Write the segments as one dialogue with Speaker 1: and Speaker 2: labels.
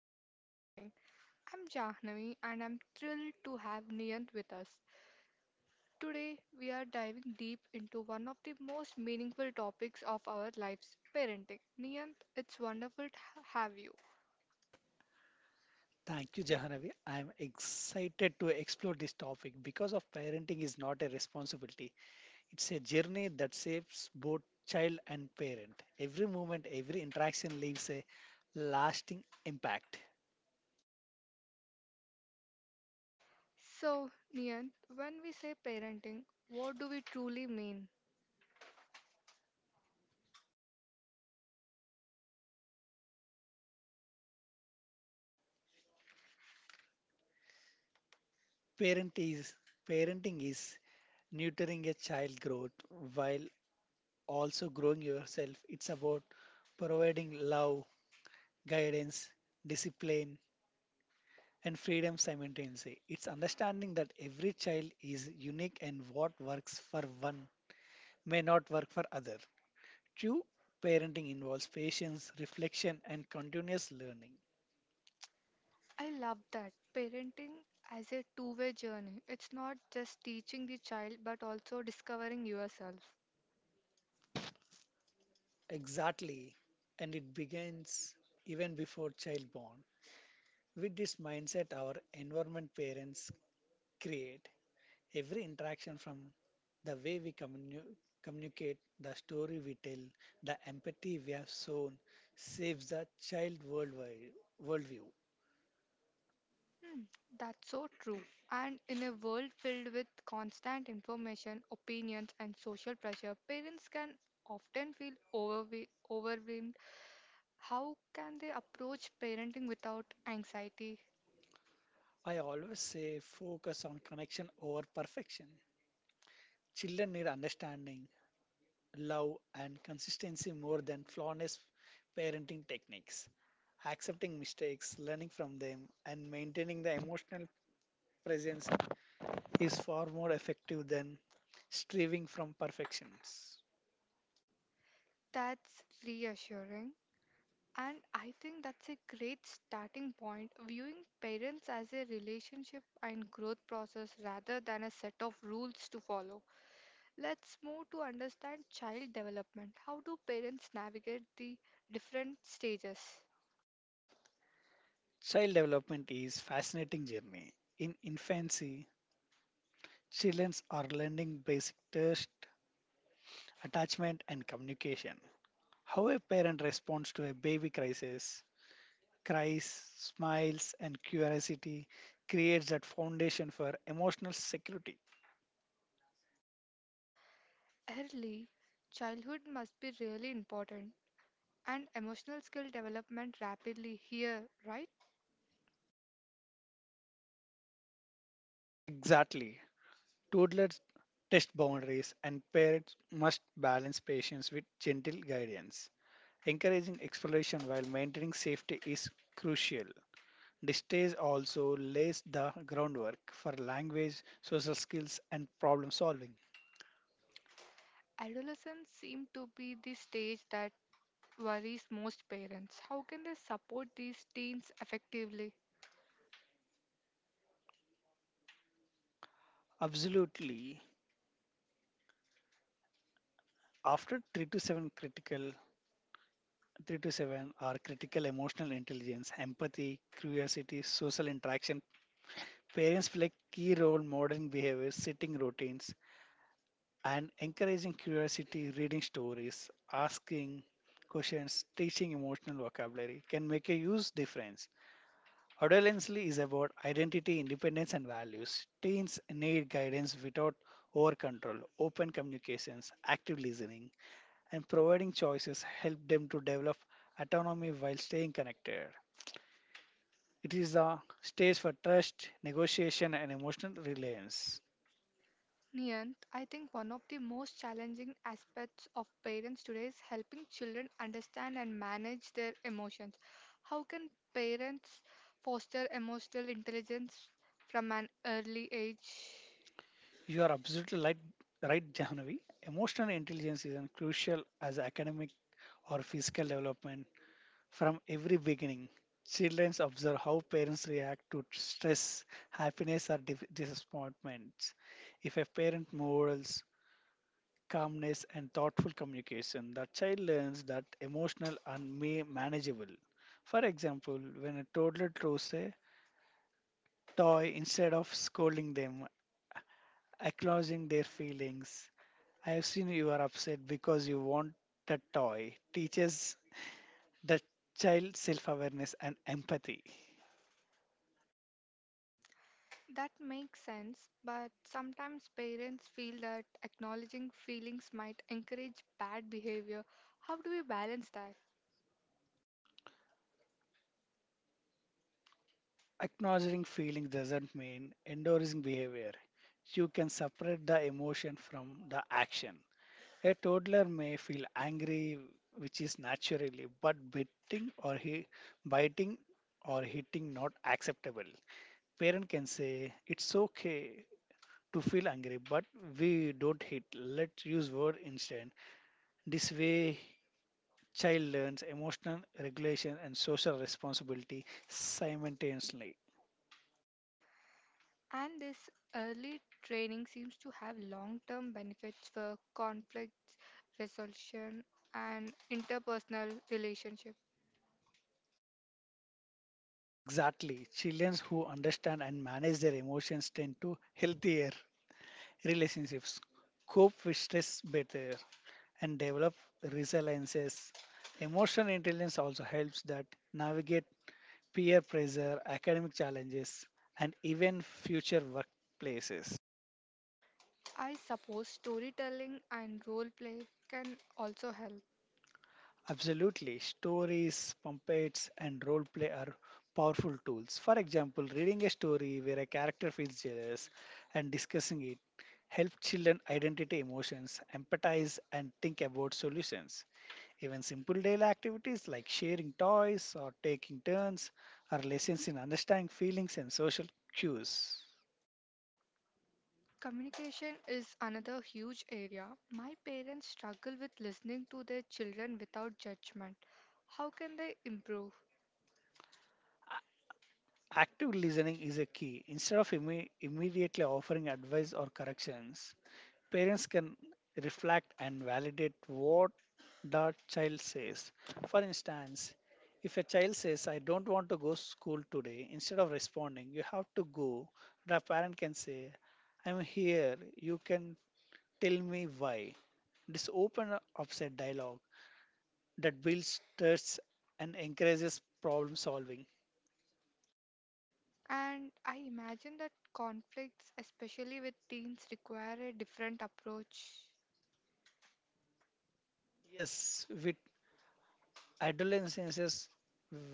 Speaker 1: of Parenting. I'm Jahnavi and I'm thrilled to have Niyant with us. Today we are diving deep into one of the most meaningful topics of our lives, parenting. Niyant, it's wonderful to have you.
Speaker 2: Thank you, Jahanavi. I am excited to explore this topic because of parenting is not a responsibility. It's a journey that shapes both child and parent. Every moment, every interaction leaves a lasting impact.
Speaker 1: So, Niyant, when we say parenting, what do we truly mean?
Speaker 2: Parent is parenting is nurturing a child growth while also growing yourself. It's about providing love, guidance, discipline, and freedom simultaneously. It's understanding that every child is unique and what works for one may not work for other. True parenting involves patience, reflection, and continuous learning.
Speaker 1: I love that. Parenting as a two-way journey. It's not just teaching the child but also discovering yourself.
Speaker 2: Exactly. And it begins even before child born. With this mindset, our environment parents create. Every interaction from the way we communicate, the story we tell, the empathy we have shown saves the child worldview.
Speaker 1: Hmm, That's so true. And in a world filled with constant information, opinions, and social pressure, parents can often feel overwhelmed. How can they approach parenting without anxiety?
Speaker 2: I always say focus on connection over perfection. Children need understanding, love, and consistency more than flawless parenting techniques. Accepting mistakes, learning from them, and maintaining the emotional presence is far more effective than striving from perfections.
Speaker 1: That's reassuring. And I think that's a great starting point, viewing parents as a relationship and growth process rather than a set of rules to follow. Let's move to understand child development. How do parents navigate the different stages?
Speaker 2: Child development is fascinating journey. In infancy, children are learning basic trust, attachment and communication. How a parent responds to a baby cries, smiles and curiosity creates that foundation for emotional security.
Speaker 1: Early childhood must be really important and emotional skill development rapidly here, right?
Speaker 2: Exactly. Toddlers test boundaries and parents must balance patience with gentle guidance. Encouraging exploration while maintaining safety is crucial. The stage also lays the groundwork for language, social skills, and problem solving.
Speaker 1: Adolescence seem to be the stage that worries most parents. How can they support these teens effectively?
Speaker 2: Absolutely. After 3 to 7 critical 3 to 7 are critical emotional intelligence, empathy, curiosity, social interaction. Parents play key role modern behaviors, setting routines, and encouraging curiosity, reading stories, asking questions, teaching emotional vocabulary can make a huge difference. Adolescence is about identity, independence, and values. Teens need guidance without over control, open communications, active listening, and providing choices help them to develop autonomy while staying connected. It is a stage for trust, negotiation, and emotional reliance.
Speaker 1: Niyant, I think one of the most challenging aspects of parents today is helping children understand and manage their emotions. How can parents foster emotional intelligence from an early age?
Speaker 2: You are absolutely right, Jahnavi. Emotional intelligence is as crucial as academic or physical development. From every beginning, children observe how parents react to stress, happiness, or disappointments. If a parent models calmness and thoughtful communication, the child learns that emotional and may manageable. For example, when a toddler throws a toy instead of scolding them, acknowledging their feelings, I have seen you are upset because you want a toy, teaches the child self awareness and empathy.
Speaker 1: That makes sense, but sometimes parents feel that acknowledging feelings might encourage bad behavior. How do we balance that?
Speaker 2: Acknowledging feelings doesn't mean endorsing behavior. You can separate the emotion from the action. A toddler may feel angry, which is naturally, but biting or hitting not acceptable. Parent can say it's okay to feel angry, but we don't hit. Let's use word instead. This way, child learns emotional regulation and social responsibility simultaneously.
Speaker 1: And this early training seems to have long term benefits for conflict resolution and interpersonal relationship.
Speaker 2: Exactly. Children who understand and manage their emotions tend to healthier relationships, cope with stress better, and develop resiliences. Emotional intelligence also helps that navigate peer pressure, academic challenges, and even future workplaces.
Speaker 1: I suppose storytelling and role play can also help.
Speaker 2: Absolutely. Stories, puppets, and role play are powerful tools. For example, reading a story where a character feels jealous and discussing it help children identify emotions, empathize, and think about solutions. Even simple daily activities like sharing toys or taking turns are lessons in understanding feelings and social cues.
Speaker 1: Communication is another huge area. My parents struggle with listening to their children without judgment. How can they improve?
Speaker 2: Active listening is a key. Instead of immediately offering advice or corrections, parents can reflect and validate what the child says. For instance, if a child says, I don't want to go school today, instead of responding, you have to go, the parent can say, I'm here, you can tell me why. This open upset dialogue that builds trust and encourages problem solving.
Speaker 1: And I imagine that conflicts, especially with teens, require a different approach.
Speaker 2: Yes, we adolescence's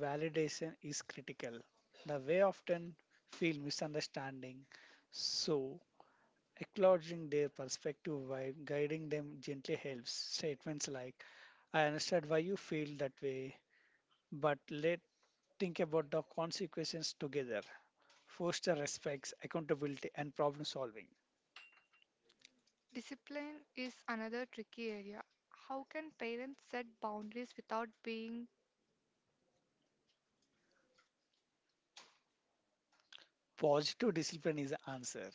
Speaker 2: validation is critical. The way often feel misunderstanding, so acknowledging their perspective while guiding them gently helps. Statements like, I understand why you feel that way, but let's think about the consequences together. Foster respects, accountability, and problem solving.
Speaker 1: Discipline is another tricky area. How can parents set boundaries without being
Speaker 2: Positive discipline is the answer.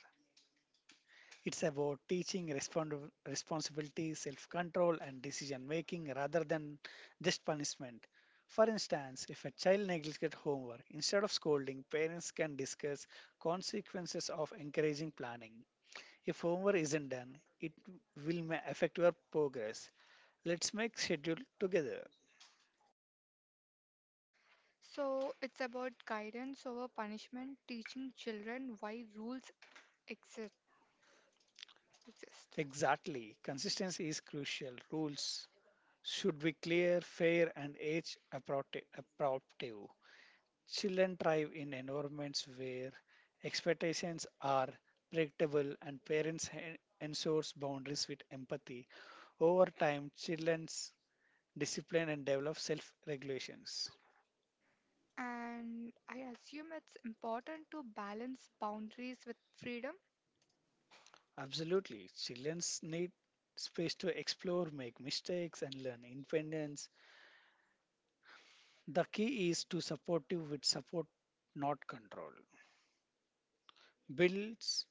Speaker 2: It's about teaching responsibility, self control, and decision making rather than just punishment. For instance, if a child neglects homework, instead of scolding, parents can discuss consequences of encouraging planning. If homework isn't done, it will may affect your progress. Let's make schedule together.
Speaker 1: so? It's about guidance over punishment, teaching children why rules exist. exist.
Speaker 2: Exactly. Consistency is crucial. Rules should be clear, fair, and age appropriate. Children thrive in environments where expectations are predictable and parents ensures boundaries with empathy. Over time, children's discipline and develop self-regulations.
Speaker 1: And I assume it's important to balance boundaries with freedom.
Speaker 2: Absolutely, children's need space to explore, make mistakes, and learn independence. The key is to supportive with support, not control. Builds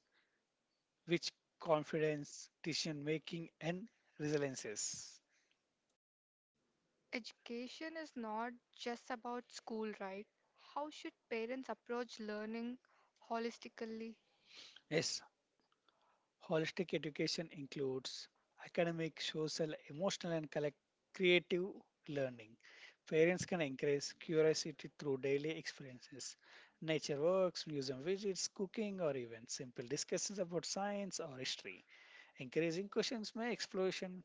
Speaker 2: which confidence, decision making, and resiliences.
Speaker 1: Education is not just about school, right? How should parents approach learning holistically?
Speaker 2: Yes, holistic education includes academic, social, emotional, and creative learning. Parents can encourage curiosity through daily experiences, nature walks, museum visits, cooking, or even simple discussions about science or history. Encouraging questions may exploration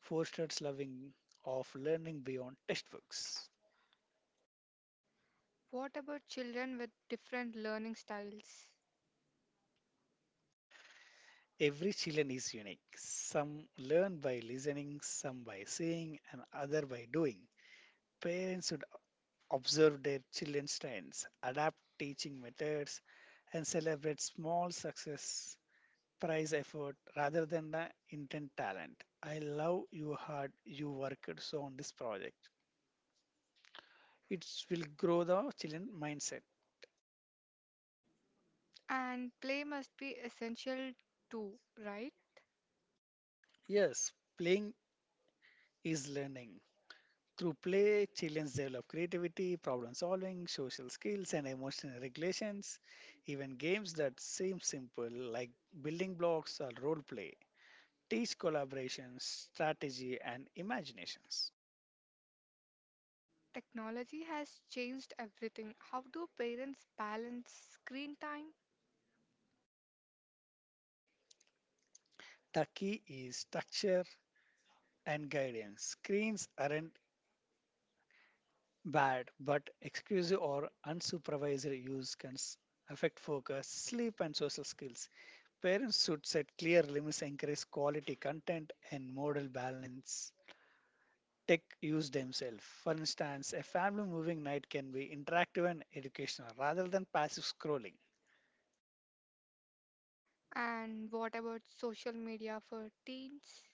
Speaker 2: fosters loving of learning beyond textbooks.
Speaker 1: What about children with different learning styles?
Speaker 2: Every children is unique. Some learn by listening, some by seeing, and other by doing. Parents should observe their children's trends, adapt teaching methods, and celebrate small success prize effort rather than the intent talent. I love you hard you worked so on this project. It will grow the children mindset.
Speaker 1: And play must be essential too, right?
Speaker 2: Yes, playing is learning. Through play, children develop creativity, problem solving, social skills, and emotional regulations. Even games that seem simple, like building blocks or role play, teach collaboration, strategy, and imaginations.
Speaker 1: Technology has changed everything. How do parents balance screen time?
Speaker 2: The key is structure and guidance. Screens aren't bad, but exclusive or unsupervised use can affect focus, sleep, and social skills. Parents should set clear limits, encourage quality content, and model balance. Tech use themselves. For instance, a family moving night can be interactive and educational rather than passive scrolling.
Speaker 1: And what about social media for teens?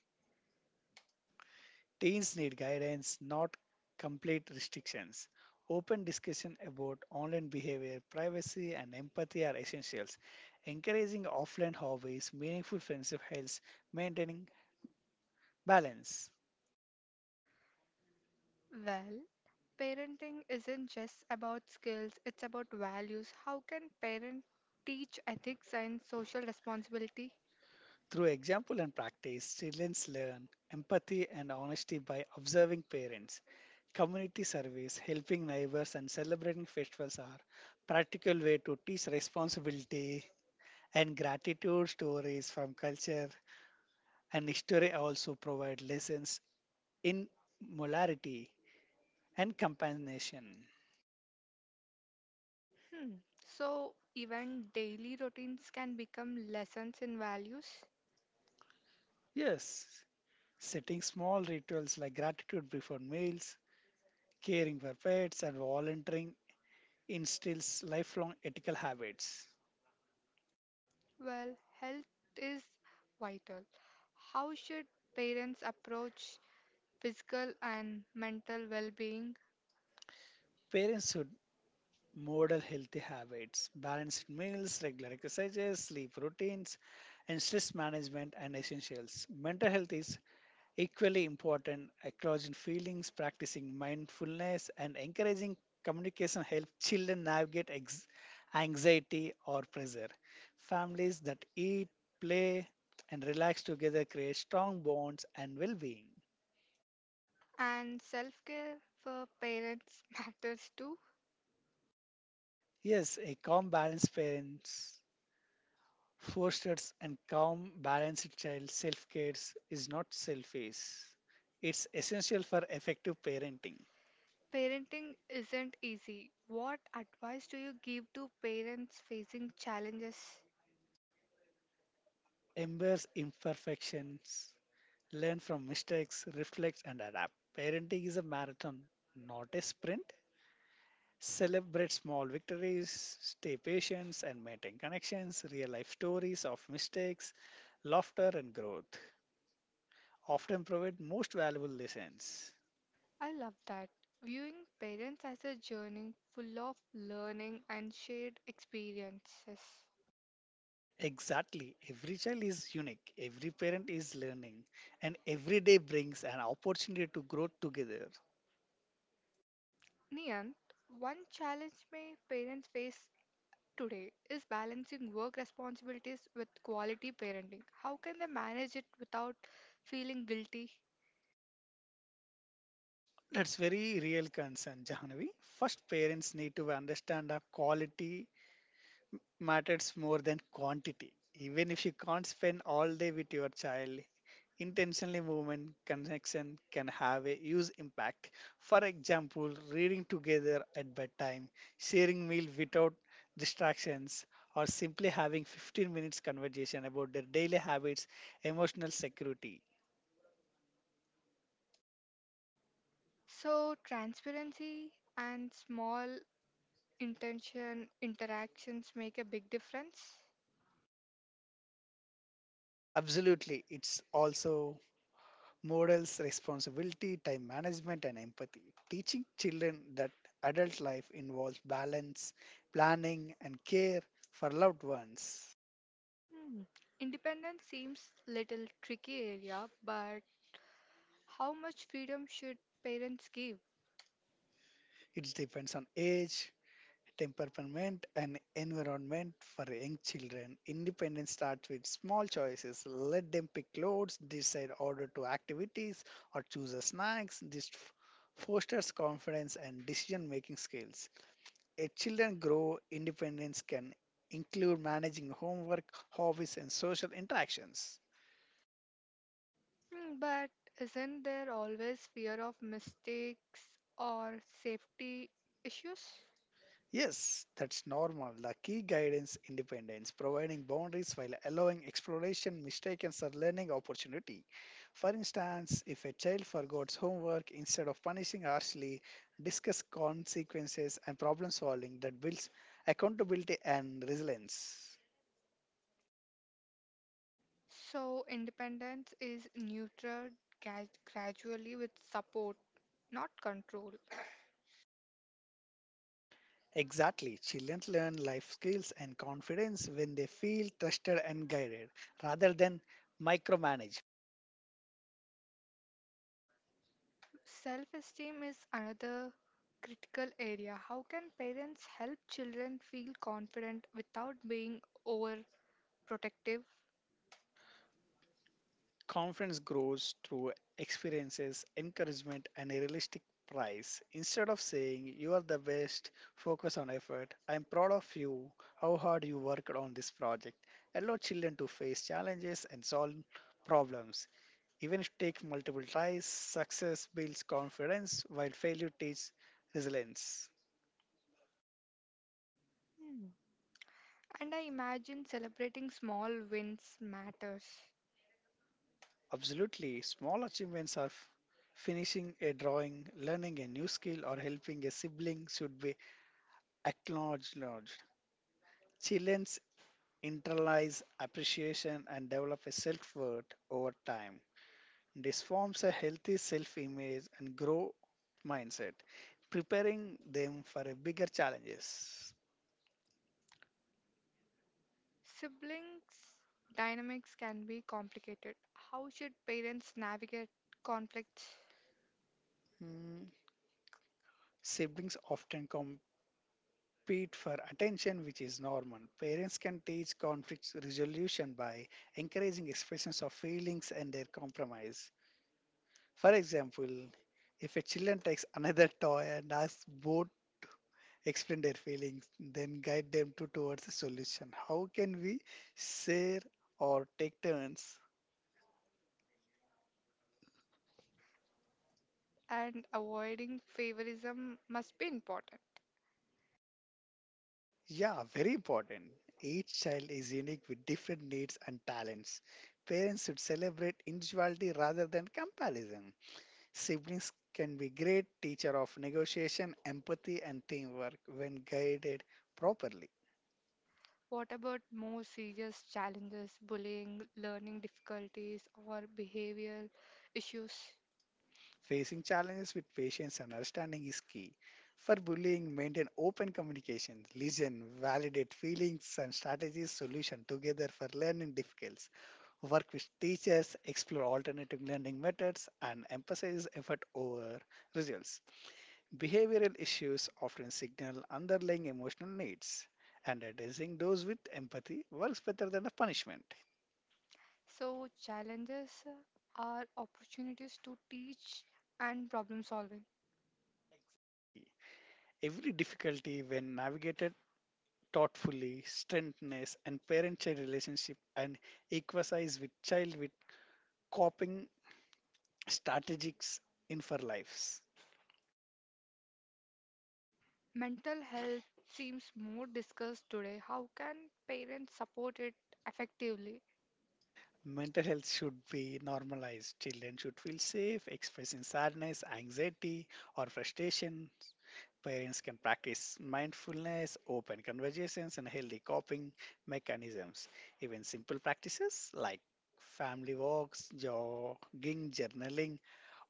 Speaker 2: Teens need guidance, not complete restrictions. Open discussion about online behavior, privacy, and empathy are essentials. Encouraging offline hobbies, meaningful friendship helps maintaining balance.
Speaker 1: Well, parenting isn't just about skills, it's about values. How can parents teach ethics and social responsibility?
Speaker 2: Through example and practice, children learn empathy and honesty by observing parents. Community service, helping neighbors, and celebrating festivals are practical way to teach responsibility and gratitude stories from culture and history also provide lessons in molarity and companionship.
Speaker 1: Hmm. So, even daily routines can become lessons in values.
Speaker 2: Yes, setting small rituals like gratitude before meals, caring for pets, and volunteering instills lifelong ethical habits.
Speaker 1: Well, health is vital. How should parents approach physical and mental well being?
Speaker 2: Parents should model healthy habits, balanced meals, regular exercises, sleep routines, and stress management and essentials. Mental health is equally important across feelings practicing mindfulness and encouraging communication help children navigate anxiety or pressure families that eat play and relax together create strong bonds and well-being.
Speaker 1: And self care for parents matters too.
Speaker 2: Yes, a calm balanced parents fosters and calm balanced child self-care is not selfish, it's essential for effective parenting.
Speaker 1: Parenting isn't easy. What advice do you give to parents facing challenges?
Speaker 2: Embrace imperfections. Learn from mistakes, reflect, and adapt. Parenting is a marathon, not a sprint. Celebrate small victories, stay patient, and maintain connections. Real life stories of mistakes, laughter, and growth often provide most valuable lessons.
Speaker 1: I love that. Viewing parents as a journey full of learning and shared experiences.
Speaker 2: Exactly. Every child is unique, every parent is learning, and every day brings an opportunity to grow together.
Speaker 1: Nian, one challenge may parents face today is balancing work responsibilities with quality parenting. How can they manage it without feeling guilty?
Speaker 2: That's very real concern, Jahanavi. First, parents need to understand that quality matters more than quantity. Even if you can't spend all day with your child, intentionally movement connection can have a huge impact. For example, reading together at bedtime, sharing meal without distractions, or simply having 15 minutes conversation about their daily habits, emotional security.
Speaker 1: So, transparency and small intention interactions make a big difference.
Speaker 2: Absolutely, it's also models responsibility, time management, and empathy. Teaching children that adult life involves balance, planning, and care for loved ones.
Speaker 1: Hmm. Independence seems little tricky area, but how much freedom should parents give?
Speaker 2: It depends on age, temperament, and environment for young children. Independence starts with small choices. Let them pick clothes, decide order to activities, or choose the snacks. Fosters confidence and decision making skills. As children grow, independence can include managing homework, hobbies, and social interactions.
Speaker 1: Hmm, but isn't there always fear of mistakes or safety issues?
Speaker 2: Yes, that's normal. The key guidance independence, providing boundaries while allowing exploration, mistakes, or learning opportunity. For instance, if a child forgets homework, instead of punishing harshly, discuss consequences and problem solving that builds accountability and resilience.
Speaker 1: So, independence is nurtured gradually with support, not control.
Speaker 2: Exactly. Children learn life skills and confidence when they feel trusted and guided rather than micromanaged.
Speaker 1: Self esteem is another critical area. How can parents help children feel confident without being overprotective?
Speaker 2: Confidence grows through experiences, encouragement, and a realistic price. Instead of saying, You are the best, focus on effort. I am proud of you, how hard you worked on this project. Allow children to face challenges and solve problems. Even if take multiple tries, success builds confidence while failure teaches resilience.
Speaker 1: Hmm. And I imagine celebrating small wins matters.
Speaker 2: Absolutely, small achievements are finishing a drawing, learning a new skill, or helping a sibling should be acknowledged. Childrens internalize appreciation and develop a self worth over time. This forms a healthy self image and grow mindset, preparing them for a bigger challenges.
Speaker 1: Siblings' dynamics can be complicated. How should parents navigate conflicts?
Speaker 2: Mm, siblings often compete for attention, which is normal. Parents can teach conflict resolution by encouraging expressions of feelings and their compromise. For example, if a child takes another toy and asks both explain their feelings, then guide them to towards a solution. How can we share or take turns?
Speaker 1: And avoiding favorism must be important.
Speaker 2: Yeah, very important. Each child is unique with different needs and talents. Parents should celebrate individuality rather than comparison. Siblings can be great teacher of negotiation, empathy, and teamwork when guided properly.
Speaker 1: What about more serious challenges, bullying, learning difficulties, or behavioral issues?
Speaker 2: Facing challenges with patience and understanding is key. For bullying, maintain open communication, listen, validate feelings and strategies, solution together for learning difficulties. Work with teachers, explore alternative learning methods, and emphasize effort over results. Behavioral issues often signal underlying emotional needs, and addressing those with empathy works better than a punishment.
Speaker 1: So, challenges are opportunities to teach and problem solving.
Speaker 2: Lee, every difficulty, when navigated thoughtfully, strengthens and parent child relationship and equalize with child with coping strategies in for lives.
Speaker 1: Mental health seems more discussed today. How can parents support it effectively?
Speaker 2: Mental health should be normalized. Children should feel safe expressing sadness, anxiety, or frustration. Parents can practice mindfulness, open conversations, and healthy coping mechanisms. Even simple practices like family walks, jogging, journaling,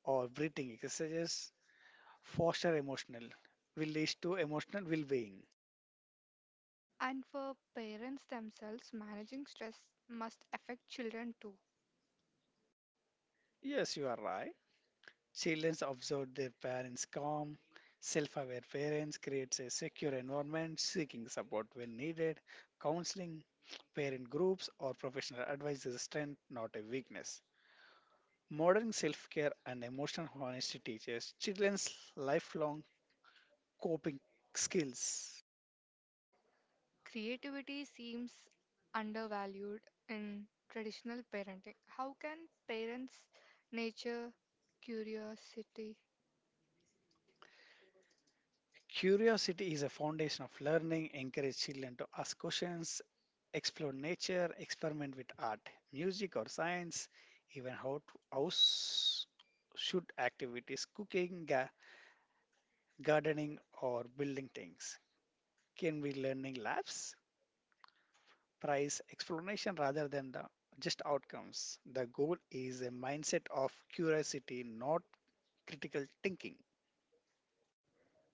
Speaker 2: or breathing exercises foster emotional will lead to emotional well-being.
Speaker 1: And for parents themselves, managing stress must affect children too.
Speaker 2: Yes, you are right. Children observe their parents calm. Self-aware parents creates a secure environment, seeking support when needed, counseling, parent groups, or professional advice is a strength, not a weakness. Modern self care and emotional honesty teaches children's lifelong coping skills.
Speaker 1: Creativity seems undervalued in traditional parenting. How can parents nurture curiosity?
Speaker 2: Curiosity is a foundation of learning. Encourage children to ask questions, explore nature, experiment with art, music, or science, even how to house should activities, cooking, gardening, or building things can be learning labs. Prize explanation rather than the just outcomes. The goal is a mindset of curiosity, not critical thinking.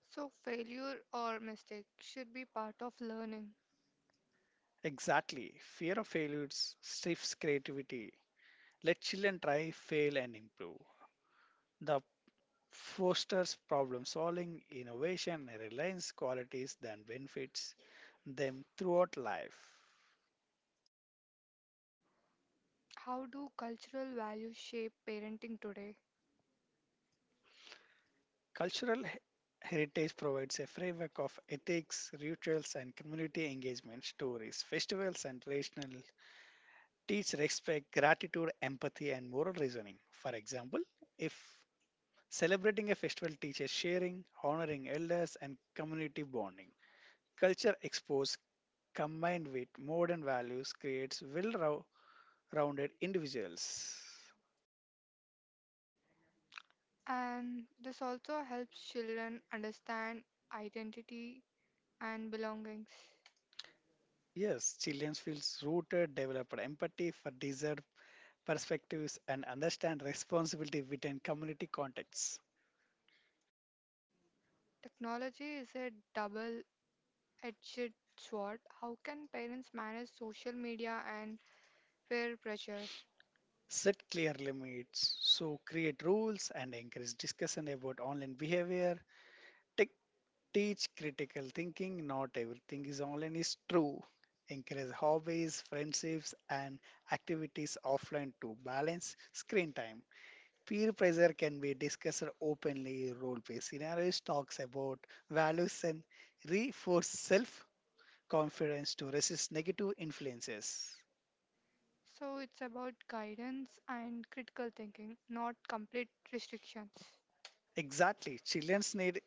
Speaker 1: So, failure or mistake should be part of learning.
Speaker 2: Exactly. Fear of failures stifles creativity. Let children try, fail, and improve. The fosters problem solving, innovation, and reliance qualities that benefits them throughout life.
Speaker 1: How do cultural values shape parenting today?
Speaker 2: Cultural heritage provides a framework of ethics, rituals, and community engagement stories. Festivals and traditional teach respect, gratitude, empathy, and moral reasoning. For example, if celebrating a festival teaches sharing, honoring elders, and community bonding. Culture exposed combined with modern values creates well-rounded individuals.
Speaker 1: And this also helps children understand identity and belongings.
Speaker 2: Yes, children feel rooted, develop empathy for desired perspectives, and understand responsibility within community contexts.
Speaker 1: Technology is a double edged sword. How can parents manage social media and peer pressure?
Speaker 2: Set clear limits, so create rules and encourage discussion about online behavior. Tech Teach critical thinking. Not everything is online is true. Encourage hobbies, friendships, and activities offline to balance screen time. Peer pressure can be discussed openly. Role play scenarios talks about values and reinforce self confidence to resist negative influences.
Speaker 1: So it's about guidance and critical thinking, not complete restrictions.
Speaker 2: Exactly. Children need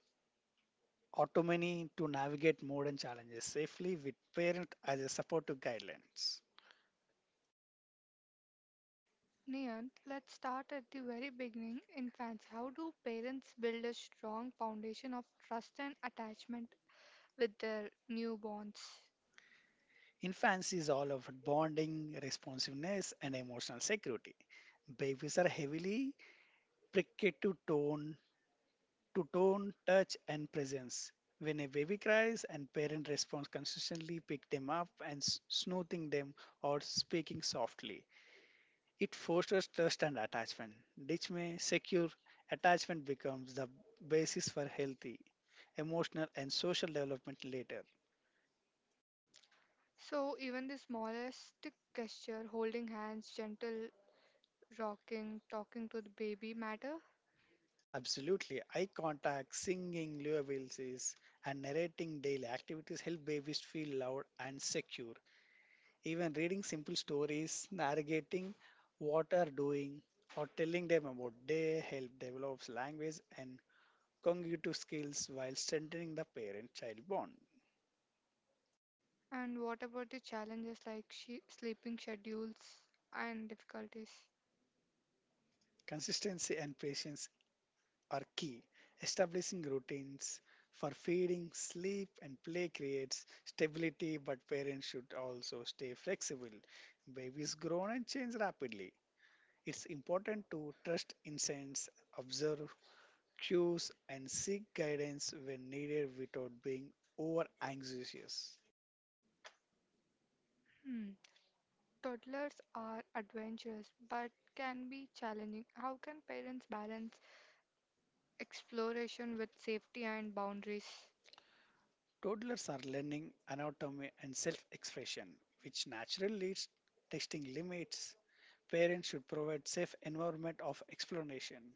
Speaker 2: autonomy to navigate modern challenges safely with parent as a supportive guidelines.
Speaker 1: Niyant, let's start at the very beginning. Infants. How do parents build a strong foundation of trust and attachment with their newborns?
Speaker 2: Infancy is all about bonding, responsiveness, and emotional security. Babies are heavily pricked to tone, touch, and presence. When a baby cries and parent responds consistently, pick them up and smoothing them or speaking softly. It fosters trust and attachment. Which may secure attachment becomes the basis for healthy emotional and social development later.
Speaker 1: So even the smallest gesture, holding hands, gentle rocking, talking to the baby matter.
Speaker 2: Absolutely. Eye contact, singing lullabies, and narrating daily activities help babies feel loud and secure. Even reading simple stories, narrating what are doing, or telling them about they help develops language and cognitive skills while strengthening the parent-child bond.
Speaker 1: And what about the challenges like sleeping schedules and difficulties?
Speaker 2: Consistency and patience are key. Establishing routines for feeding, sleep, and play creates stability, but parents should also stay flexible. Babies grow and change rapidly. It's important to trust instincts, observe cues, and seek guidance when needed without being over anxious.
Speaker 1: Hmm. Toddlers are adventurous but can be challenging. How can parents balance exploration with safety and boundaries?
Speaker 2: Toddlers are learning anatomy and self expression, which naturally leads testing limits. Parents should provide safe environment of exploration.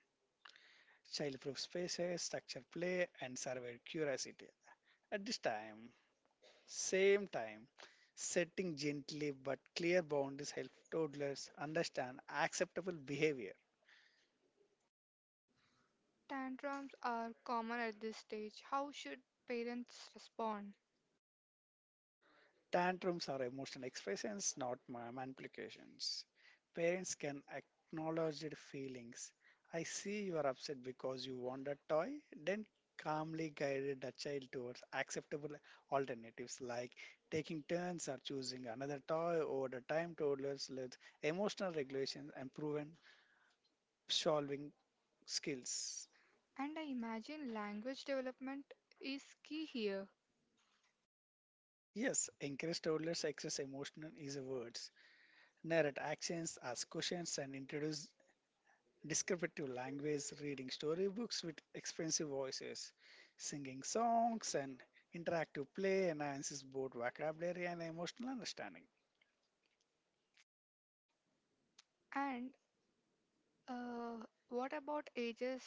Speaker 2: Childproof proof spaces, structured play, and surveyed curiosity. At this time, Same time, setting gently but clear boundaries help toddlers understand acceptable behavior.
Speaker 1: Tantrums are common at this stage. How should parents respond?
Speaker 2: Tantrums are emotional expressions, not manipulations. Parents can acknowledge their feelings. I see you are upset because you want a toy, then calmly guided the child towards acceptable alternatives like taking turns or choosing another toy over the time toddlers learn emotional regulation and proven solving skills.
Speaker 1: And I imagine language development is key here.
Speaker 2: Yes, encourage toddlers access emotional is a words. Narrate actions, ask questions, and introduce descriptive language, reading storybooks with expensive voices, singing songs, and interactive play enhances both vocabulary and emotional understanding.
Speaker 1: And what about ages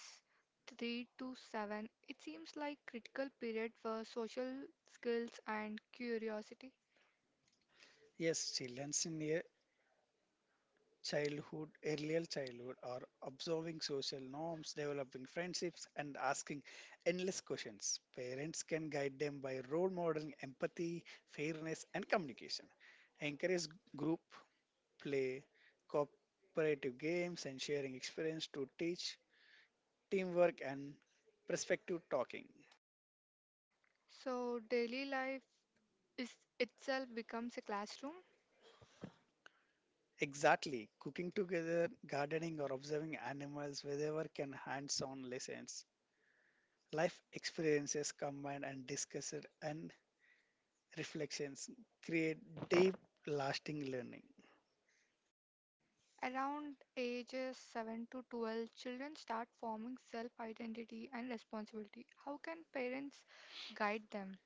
Speaker 1: 3 to 7? It seems like critical period for social skills and curiosity.
Speaker 2: Yes, children's in their childhood, earlier childhood, are observing social norms, developing friendships, and asking endless questions. Parents can guide them by role modeling empathy, fairness, and communication. Encourage group play, cooperative games, and sharing experience to teach teamwork and perspective talking.
Speaker 1: So daily life is itself becomes a classroom.
Speaker 2: Exactly. Cooking together, gardening, or observing animals, wherever can hands on lessons. Life experiences combined and discussed, and reflections create deep, lasting learning.
Speaker 1: Around ages 7 to 12, children start forming self identity and responsibility. How can parents guide them?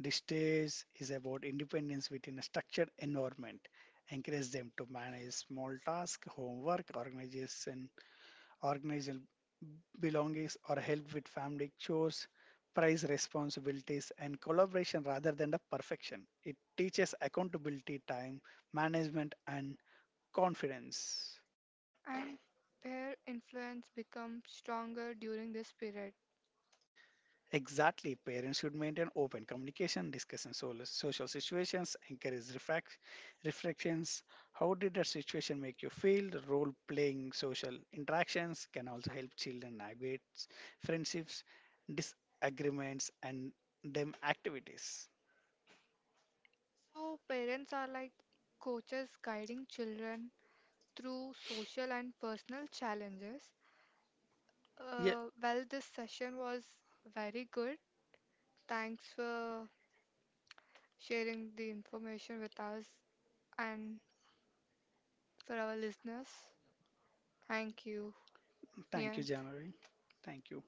Speaker 2: This stage is about independence within a structured environment. Encourage them to manage small tasks, homework, organization, organize belongings or help with family chores, prize responsibilities, and collaboration rather than the perfection. It teaches accountability, time management, and confidence.
Speaker 1: And peer influence becomes stronger during this period.
Speaker 2: Exactly. Parents should maintain open communication, discussing social situations, encourage reflections. How did that situation make you feel? Role playing social interactions can also help children navigate friendships, disagreements, and them activities.
Speaker 1: So, parents are like coaches guiding children through social and personal challenges.
Speaker 2: Yeah,
Speaker 1: Well, this session was very good. Thanks for sharing the information with us and for our listeners. Thank you,
Speaker 2: thank you,
Speaker 1: Nian.
Speaker 2: January. Thank you.